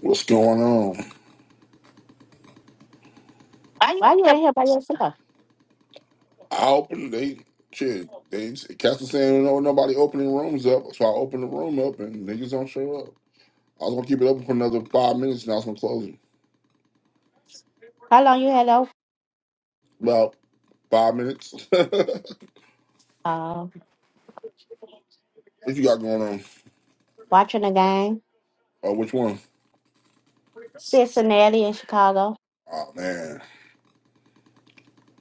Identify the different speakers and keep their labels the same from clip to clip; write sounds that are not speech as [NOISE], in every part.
Speaker 1: What's going on? Why you in
Speaker 2: Why you
Speaker 1: here?
Speaker 2: ain't here by yourself?
Speaker 1: I opened they shit. They Castle saying no nobody opening rooms up, so I opened the room up and niggas don't show up. I was gonna keep it open for another five minutes and I was gonna close it.
Speaker 2: How long you had off?
Speaker 1: About five minutes. [LAUGHS] what
Speaker 2: Uh,
Speaker 1: you got going on?
Speaker 2: watching the game,
Speaker 1: Oh, which one?
Speaker 2: Cincinnati and Chicago.
Speaker 1: Oh man.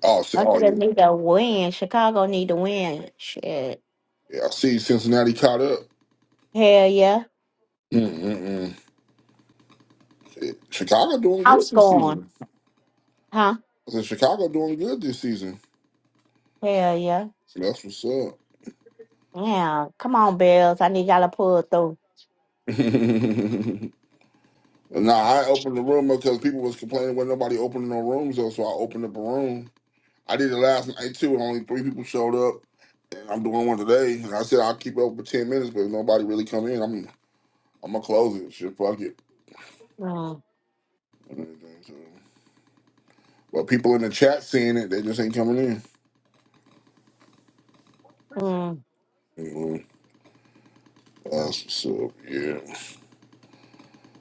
Speaker 1: Oh, see,
Speaker 2: Don't
Speaker 1: oh
Speaker 2: niggas
Speaker 1: yeah.
Speaker 2: need to win. Chicago need to win. Shit.
Speaker 1: Yeah, I see Cincinnati caught up.
Speaker 2: Hell yeah.
Speaker 1: Mm-mm-mm. Chicago doing
Speaker 2: I'm
Speaker 1: good this season.
Speaker 2: Huh?
Speaker 1: I said Chicago doing good this season.
Speaker 2: Hell yeah.
Speaker 1: That's what's
Speaker 2: Yeah. Come on, Bills. I need y'all to pull through.
Speaker 1: up. [LAUGHS] No, I opened the room up because people was complaining when nobody opening no rooms though, so I opened up a room. I did it last night too, and only three people showed up. And I'm doing one today, and I said I'll keep it open for ten minutes, but if nobody really come in, I'm I'm gonna close it. Shit, fuck it.
Speaker 2: Mm.
Speaker 1: And everything, so. But people in the chat seeing it, they just ain't coming in.
Speaker 2: Mm.
Speaker 1: Anyway, that's what's up. Yeah,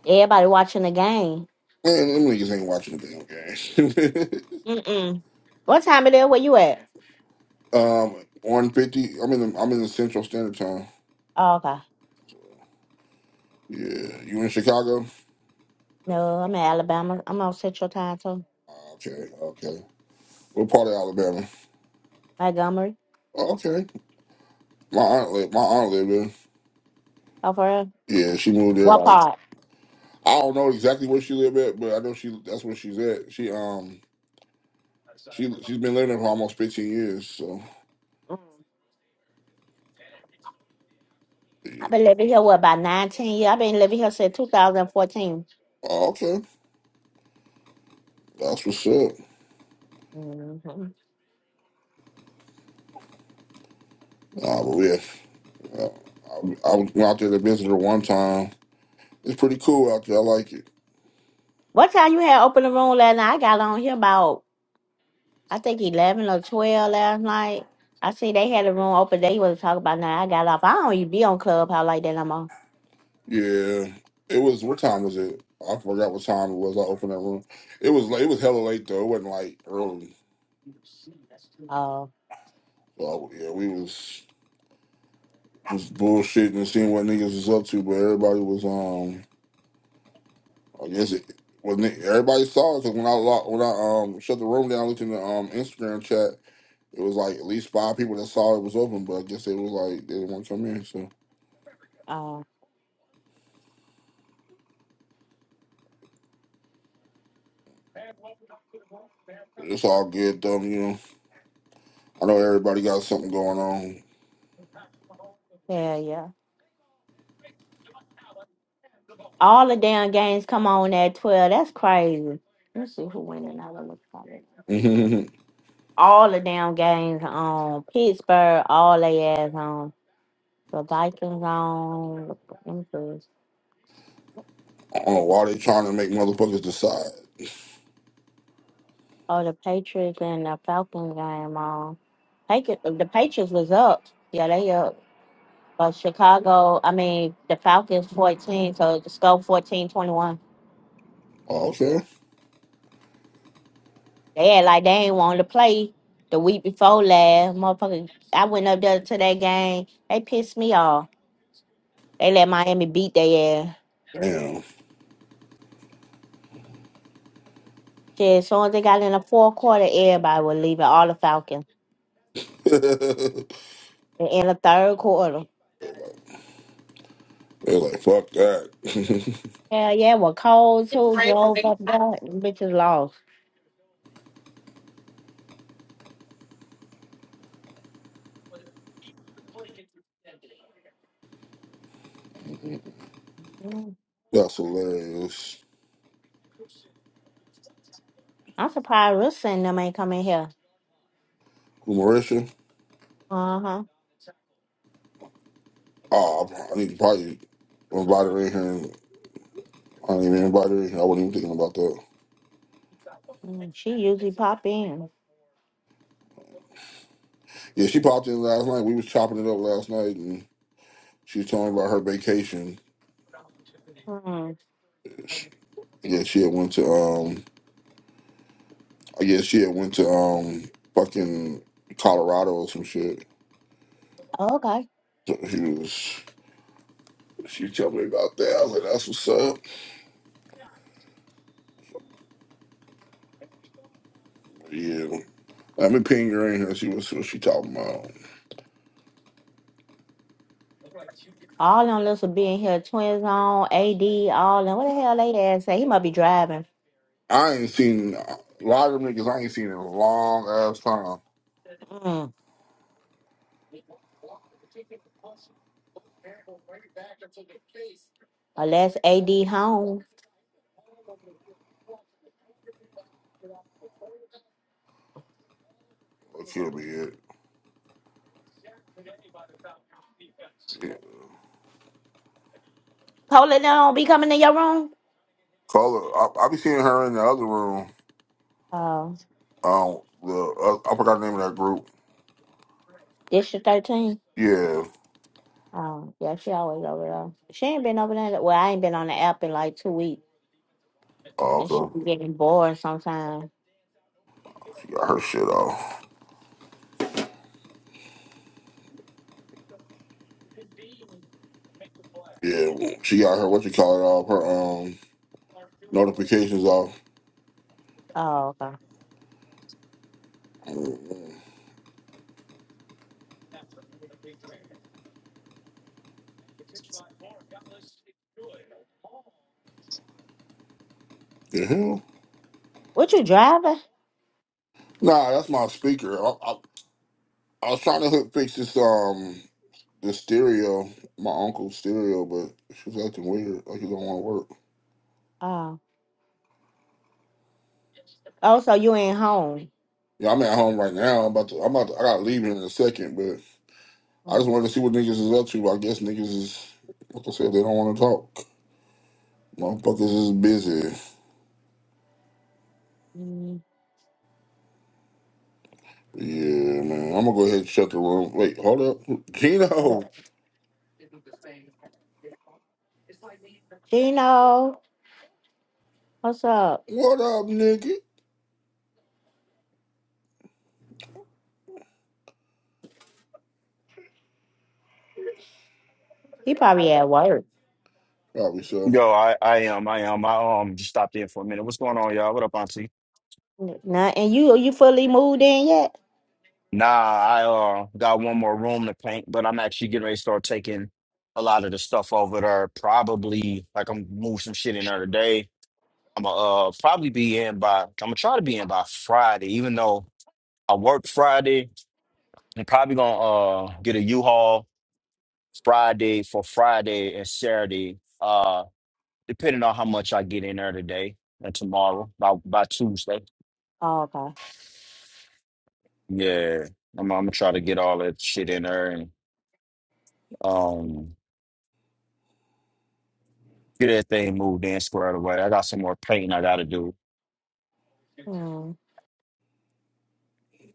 Speaker 2: Everybody watching the game.
Speaker 1: man, them niggas ain't watching the damn game.
Speaker 2: Mm-mm. What time it is? Where you at?
Speaker 1: [LAUGHS] um, one fifty. I'm in the I'm in the Central Standard Time.
Speaker 2: Oh, okay.
Speaker 1: Yeah, you in Chicago?
Speaker 2: No, I'm in Alabama. I'm on Central Time, too.
Speaker 1: Okay, okay. What part of Alabama?
Speaker 2: Montgomery.
Speaker 1: Oh, okay. My aunt lived, my aunt lived there.
Speaker 2: Oh, for real?
Speaker 1: Yeah, she moved there
Speaker 2: What
Speaker 1: like
Speaker 2: part?
Speaker 1: I don't know exactly where she lived at, but I know she that's where she's at. She um she she's been living there for almost fifteen years, so
Speaker 2: I've
Speaker 1: yeah.
Speaker 2: been living here what about nineteen years? I've been living here since two thousand and fourteen.
Speaker 1: Oh, okay. That's what's up.
Speaker 2: mm Mm-hmm.
Speaker 1: Uh, but yeah. Uh, I, I went out there to visit her one time. It's pretty cool out there. I like it.
Speaker 2: What time you had open the room last night? I got on here about I think eleven or twelve last night. I see they had a room open. They was talking about now. I got off. I don't even be on Clubhouse like that no more.
Speaker 1: Yeah. It was what time was it? I forgot what time it was. I opened that room. It was late- it was hella late though. It wasn't like early.
Speaker 2: Oh,
Speaker 1: So yeah, we was. was bullshitting and seeing what niggas was up to, but everybody was um I guess it. Well, ni- everybody saw it because when I lo- when I um shut the room down, I looked in the um Instagram chat. It was like at least five people that saw it was open, but I guess it was like they didn't want to come in. So
Speaker 2: oh,
Speaker 1: it's all good, though. You know, I know everybody got something going on.
Speaker 2: yeah, yeah. All the damn games come on at twelve. That's crazy. Let's see who winning. I don't look for it.
Speaker 1: [LAUGHS] I
Speaker 2: All the damn games on Pittsburgh. All they ass on the Vikings on. Let me see.
Speaker 1: don't know why they trying to make motherfuckers decide.
Speaker 2: Oh, the Patriots and the Falcon game. Um, Patriots, the Patriots was up. Yeah, they up. But Chicago, I mean, the Falcons 14, so the score fourteen twenty one.
Speaker 1: Oh, okay,
Speaker 2: 21. They had like they ain't wanted to play the week before last. Motherfucker, I went up there to that game. They pissed me off. They let Miami beat their ass.
Speaker 1: damn.
Speaker 2: Shit, as soon as they got in the fourth quarter, everybody was leaving, all the Falcons.
Speaker 1: [LAUGHS] They're
Speaker 2: And in the third quarter.
Speaker 1: like, they're like, fuck that.
Speaker 2: Hell yeah, well, cold too, drove up there, and bitches lost.
Speaker 1: [LAUGHS] That's hilarious.
Speaker 2: I'm surprised Rissa and them ain't coming here.
Speaker 1: Who, Marisha?
Speaker 2: Uh huh.
Speaker 1: Oh, I need to probably invite her in here. And I didn't even invite her in here. I wasn't even thinking about that.
Speaker 2: She usually pop in.
Speaker 1: Yeah, she popped in last night. We was chopping it up last night, and she was telling me about her vacation.
Speaker 2: Mm.
Speaker 1: Yeah, she had went to um, I guess she had went to um, fucking Colorado or some shit.
Speaker 2: Okay.
Speaker 1: So she was she was telling me about that. I was like, that's what's up. Yeah, let me ping her in here. See what see what she talking about.
Speaker 2: All them little be in here. Twins on AD. All them. What the hell they ass say? He must be driving.
Speaker 1: I ain't seen a lot of them niggas. I ain't seen in a long ass time.
Speaker 2: Mm. Unless AD home.
Speaker 1: That Killed me yet.
Speaker 2: Poland don't be coming to your room.
Speaker 1: Carla, I, I be seeing her in the other room.
Speaker 2: Oh,
Speaker 1: Um, the uh, I forgot the name of that group.
Speaker 2: District 13.
Speaker 1: Yeah.
Speaker 2: Oh, yeah, she always over there. She ain't been over there. Well, I ain't been on the app in like two weeks.
Speaker 1: Oh,
Speaker 2: And she
Speaker 1: okay.
Speaker 2: be getting bored sometimes.
Speaker 1: She got her shit off. Yeah. She got her what you call it off. Her um notifications off.
Speaker 2: Oh, okay.
Speaker 1: Mm, The hell?
Speaker 2: What you driving?
Speaker 1: Nah, that's my speaker. I, I, I was trying to hook fix this um the stereo, my uncle's stereo, but she's acting weird. Like it don't want to work.
Speaker 2: Oh. Oh, so you ain't home.
Speaker 1: Yeah, I'm at home right now. I'm about to. I'm about to. I gotta leave in a second, I
Speaker 2: Mm,
Speaker 1: just wanted to see what niggas is up to. I guess niggas is, like I said, they don't want to talk. Motherfuckers is busy.
Speaker 2: mm.
Speaker 1: Yeah, man. I'm gonna go ahead and shut the room. Wait, hold up. Gino,
Speaker 2: Gino, what's up?
Speaker 1: what up, nigga?
Speaker 2: He probably at work.
Speaker 1: Probably so.
Speaker 3: Yo, I, I am, I am. I um just stopped in for a minute. What's going on, y'all? What up, Auntie?
Speaker 2: N- Nah, and you you fully moved in yet?
Speaker 3: Nah, I uh got one more room to paint, but I'm actually getting ready to start taking a lot of the stuff over there. Probably like I'm move some shit in there today. I'm gonna uh probably be in by I'm gonna try to be in by Friday, even though I work Friday. I'm probably gonna uh get a U-Haul Friday for Friday and Saturday, uh depending on how much I get in there today and tomorrow by by Tuesday.
Speaker 2: Oh, okay.
Speaker 3: Yeah, I'm, I'm gonna try to get all that shit in there and um get that thing moved in squared away. I got some more painting I gotta do.
Speaker 2: Mm,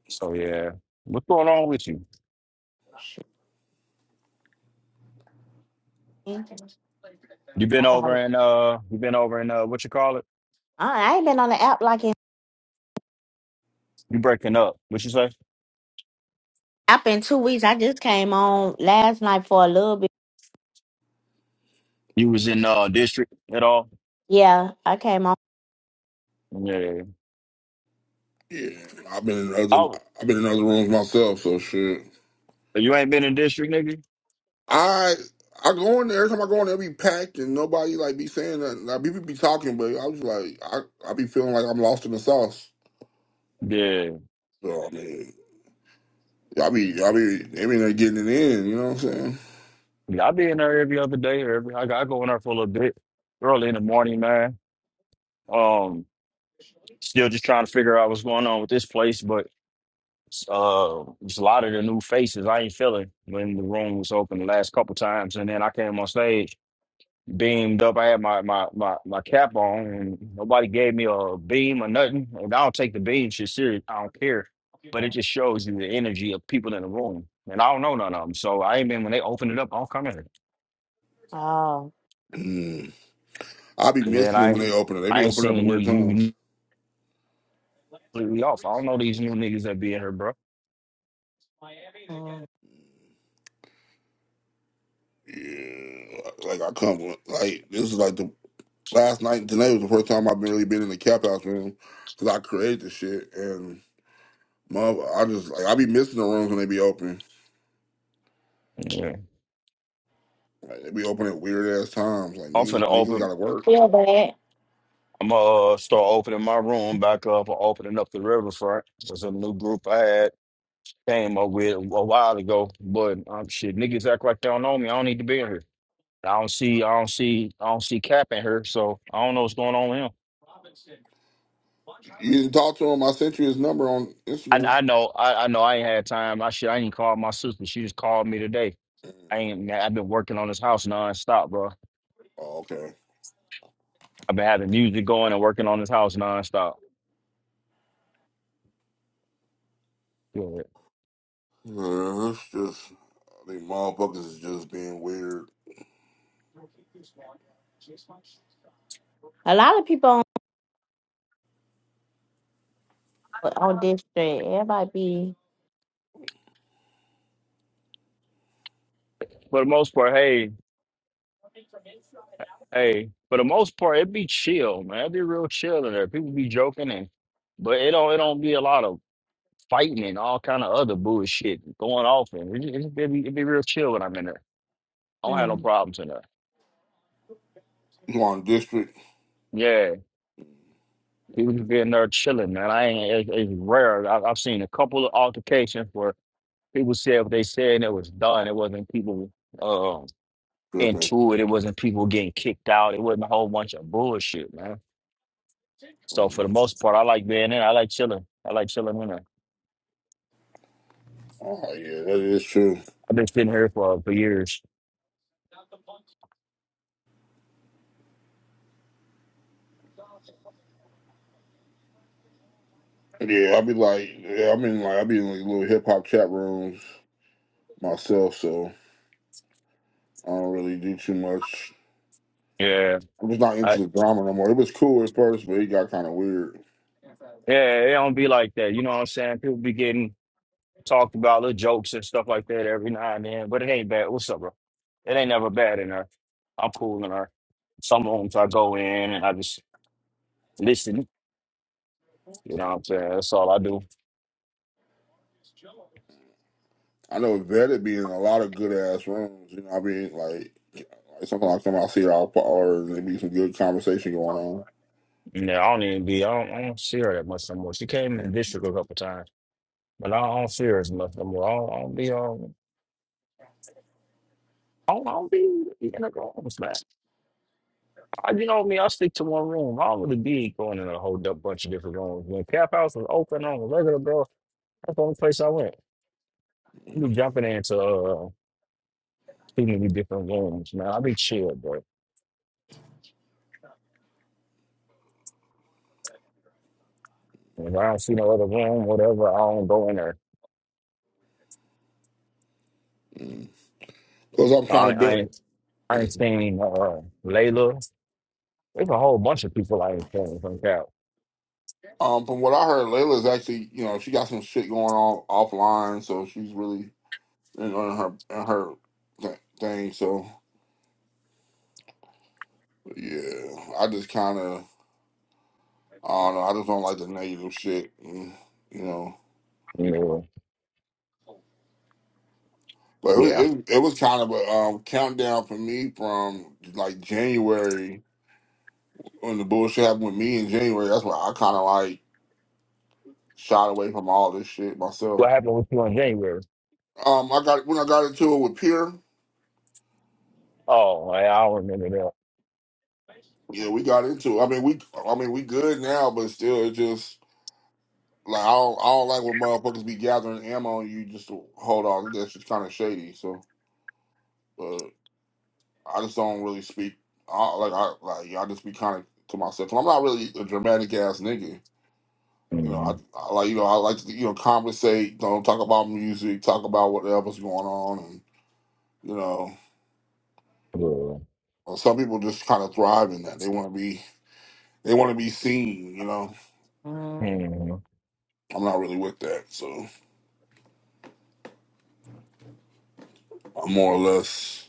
Speaker 3: So yeah, what's going on with you?
Speaker 2: shit. I,
Speaker 3: You been over
Speaker 2: don't-
Speaker 3: in uh, you been over in uh, what you call it?
Speaker 2: I ain't been on the app like in
Speaker 3: You breaking up? What you say?
Speaker 2: app in two weeks. I just came on last night for a little bit.
Speaker 3: You was in uh district at all?
Speaker 2: Yeah, I came on.
Speaker 3: Yeah.
Speaker 1: Yeah, I've been in other,
Speaker 3: Oh,
Speaker 1: I've been in other rooms myself, so shit.
Speaker 3: you ain't been in district, nigga?
Speaker 1: I, I go in there, every time I go in there, be packed and nobody like be saying that. Like, people be talking, but I was like, I, I be feeling like I'm lost in the sauce.
Speaker 3: Yeah.
Speaker 1: So I mean, y'all be, y'all be, they be in getting it in. You know what I'm saying?
Speaker 3: Yeah, I be in there every other day. Or every I, go- I go in there for a little bit early in the morning, man. Um, still just trying to figure out what's going on with this place, but. uh, just a lot of the new faces I ain't feeling when the room was open the last couple times, and then I came on stage, beamed up. I had my my my, my cap on, and nobody gave me a beam or nothing. And I don't take the beam shit serious. I don't care, but it just shows you the energy of people in the room. And I don't know none of them, so I ain't been when they opened it up. I don't come in.
Speaker 2: Oh,
Speaker 1: Mm. I be
Speaker 3: And then
Speaker 1: missing them when
Speaker 3: I
Speaker 1: they open it. They
Speaker 3: I
Speaker 1: be
Speaker 3: ain't
Speaker 1: opening up at
Speaker 3: seen new
Speaker 1: weird times.
Speaker 3: you completely off. I don't know these new niggas that be in here, bro.
Speaker 2: mm.
Speaker 1: Yeah, like I come with- like this is like the last night and today was the first time I've been really been in the cap house room because I created the shit and mother, I just like I be missing the rooms when they be open.
Speaker 3: Yeah.
Speaker 1: Like they be open at weird ass times. Like
Speaker 3: I'm
Speaker 1: niggas,
Speaker 3: finna
Speaker 1: niggas
Speaker 3: open.
Speaker 1: gotta
Speaker 2: I
Speaker 1: work.
Speaker 2: feel bad.
Speaker 3: I'm gonna uh, start opening my room back up or opening up the riverfront. There's a new group I had came up with a while ago, but um, shit, niggas act like they don't know me. I don't need to be in here. I don't see, I don't see, I don't see Cap in here, so I don't know what's going on with him.
Speaker 1: You didn't talk to him. I sent you his number on
Speaker 3: I,
Speaker 1: Instagram.
Speaker 3: I know, I, I know, I ain't had time. I should, I ain't called my sister. She just called me today. I ain't, man, I've been working on this house nonstop, bro.
Speaker 1: Oh, okay.
Speaker 3: I've been having music going and working on this house nonstop. Yeah.
Speaker 1: Yeah, it's just I think motherfuckers is just being weird.
Speaker 2: A lot of people on on this street. Everybody be.
Speaker 3: For the most part, hey, Hey, for the most part, it be chill, man. It be real chill in there. People be joking and, but it don't it don't be a lot of fighting and all kind of other bullshit going off. And it, it, it, be, it be real chill when I'm in there. I don't have no
Speaker 2: Mm,
Speaker 3: problems in there.
Speaker 1: You on district
Speaker 3: Yeah, people just be in there chilling, man. I ain't. It, it's rare. I, I've seen a couple of altercations where people said what they said and it was done. It wasn't people um
Speaker 1: tripping.
Speaker 3: into it. It wasn't people getting kicked out. It wasn't a whole bunch of bullshit, man. So for the
Speaker 1: Mhm.
Speaker 3: most part, I like being in. I like chilling. I like chilling in there.
Speaker 1: Oh yeah, that is true.
Speaker 3: I've been sitting here for for years.
Speaker 1: Yeah, I be like, yeah, I'm in like, I be in like little hip hop chat rooms myself, so I don't really do too much.
Speaker 3: Yeah,
Speaker 1: I'm just not into
Speaker 3: I,
Speaker 1: the drama no more. It was cool at first, but it got kind of weird.
Speaker 3: yeah, it don't be like that. You know what I'm saying? People be getting talked about little jokes and stuff like that every now and then, but it ain't bad. What's up, bro? It ain't never bad in her. I'm cool in her. Some rooms I go in and I just listen. You know what I'm saying? That's all I do.
Speaker 1: I know Vetted be in a lot of good ass rooms. You know, what I mean, like, like sometimes I come out see it all or there be some good conversation going on.
Speaker 3: Yeah, I don't even be. I don't, I don't see her that much no more. She came in the district a couple times, but I don't, I don't see her as much no more. I don't, I don't be on. I don't, I don't be in the rooms, man. I, you know me, I stick to one room. I don't really be going in a whole du- bunch of different rooms. When Cap House was open on a regular bro, that's the only place I went. I be jumping into uh, too many different rooms, man. I be chill, bro. If I don't see no other room, whatever, I don't go in there.
Speaker 1: Cause I'm trying to
Speaker 3: I, I
Speaker 1: build.
Speaker 3: ain't, I ain't seen uh, Layla. There's a whole bunch of people I ain't seen from Cap.
Speaker 1: Um, from what I heard, Layla's actually, you know, she got some shit going on offline, so she's really in, in her in her th- thing. So yeah, I just kind of. I don't know. I just don't like the negative shit, mm, you know.
Speaker 3: You
Speaker 1: But it was
Speaker 3: yeah.
Speaker 1: it, it was kind of a um, countdown for me from like January when the bullshit happened with me in January. That's why I kind of like shot away from all this shit
Speaker 3: What
Speaker 1: myself.
Speaker 3: happened with you in January?
Speaker 1: Um, I got when I got into it with Pierre.
Speaker 3: Oh, I, I don't remember that.
Speaker 1: Yeah, we got into. It. I mean, we I mean we good now, but still, it just like I don't I don't like when motherfuckers be gathering ammo on you just to hold on. That's just kind of shady. So. I just don't really speak. I, like I like yeah, I just be kind of to myself. i am not really a dramatic ass nigga. You know,
Speaker 3: hmm
Speaker 1: I, I like you know I like to you know conversate. Don't talk about music. Talk about whatever's going on. And you know,
Speaker 3: Yeah.
Speaker 1: well, some people just kind of thrive in that. They want to be they want to be seen. You know,
Speaker 2: mm.
Speaker 3: hmm
Speaker 1: I'm not really with that. So I'm more or less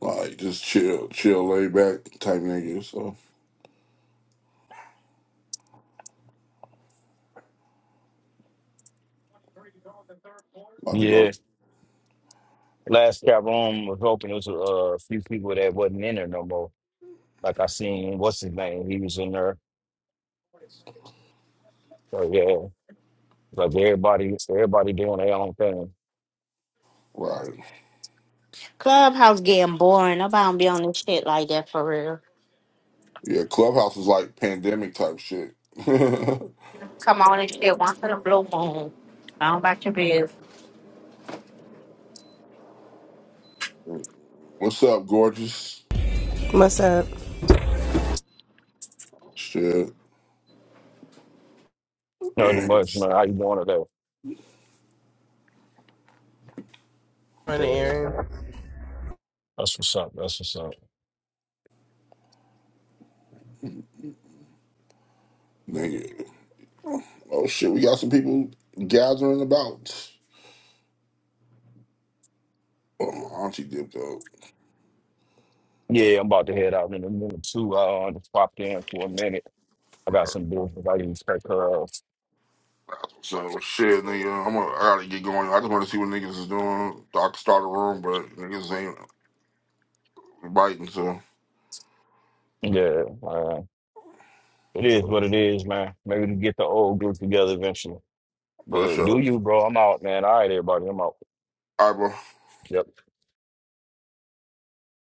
Speaker 1: like just chill, chill, laid back type nigga. So about to
Speaker 3: Yeah.
Speaker 1: go
Speaker 3: Last chat room was open. there was uh, a uh, few people that wasn't in there no more. Like I seen, what's his name? He was in there. So yeah, like everybody, everybody doing their own thing.
Speaker 1: right.
Speaker 2: Clubhouse getting boring. Nobody don't be on this shit like that for real.
Speaker 1: Yeah, clubhouse is like pandemic type shit. [LAUGHS]
Speaker 2: Come on and shit once in a blue moon. I don't about your business.
Speaker 1: What's up, gorgeous?
Speaker 4: What's up?
Speaker 1: Shit.
Speaker 3: Nothing much,
Speaker 1: Yes.
Speaker 3: man. How you doing today? Yeah, That's what's up. That's what's up.
Speaker 1: Nigga. Oh shit, we got some people gathering about. Oh, my auntie dipped out.
Speaker 3: yeah. I'm about to head out in a minute too. Uh, I uh, just popped in for a minute. I got some business I didn't take her. Off.
Speaker 1: So shit, nigga, I'm gonna, I gotta get going. I just wanna see what niggas is doing. I can start a room, but niggas ain't biting, so
Speaker 3: Yeah, uh, it is
Speaker 1: so
Speaker 3: what it is, man. Maybe to get the old group together eventually. But
Speaker 1: for
Speaker 3: look, do
Speaker 1: sure.
Speaker 3: you, bro? I'm out, man. All right, everybody, I'm out.
Speaker 1: All right, bro.
Speaker 3: Yep.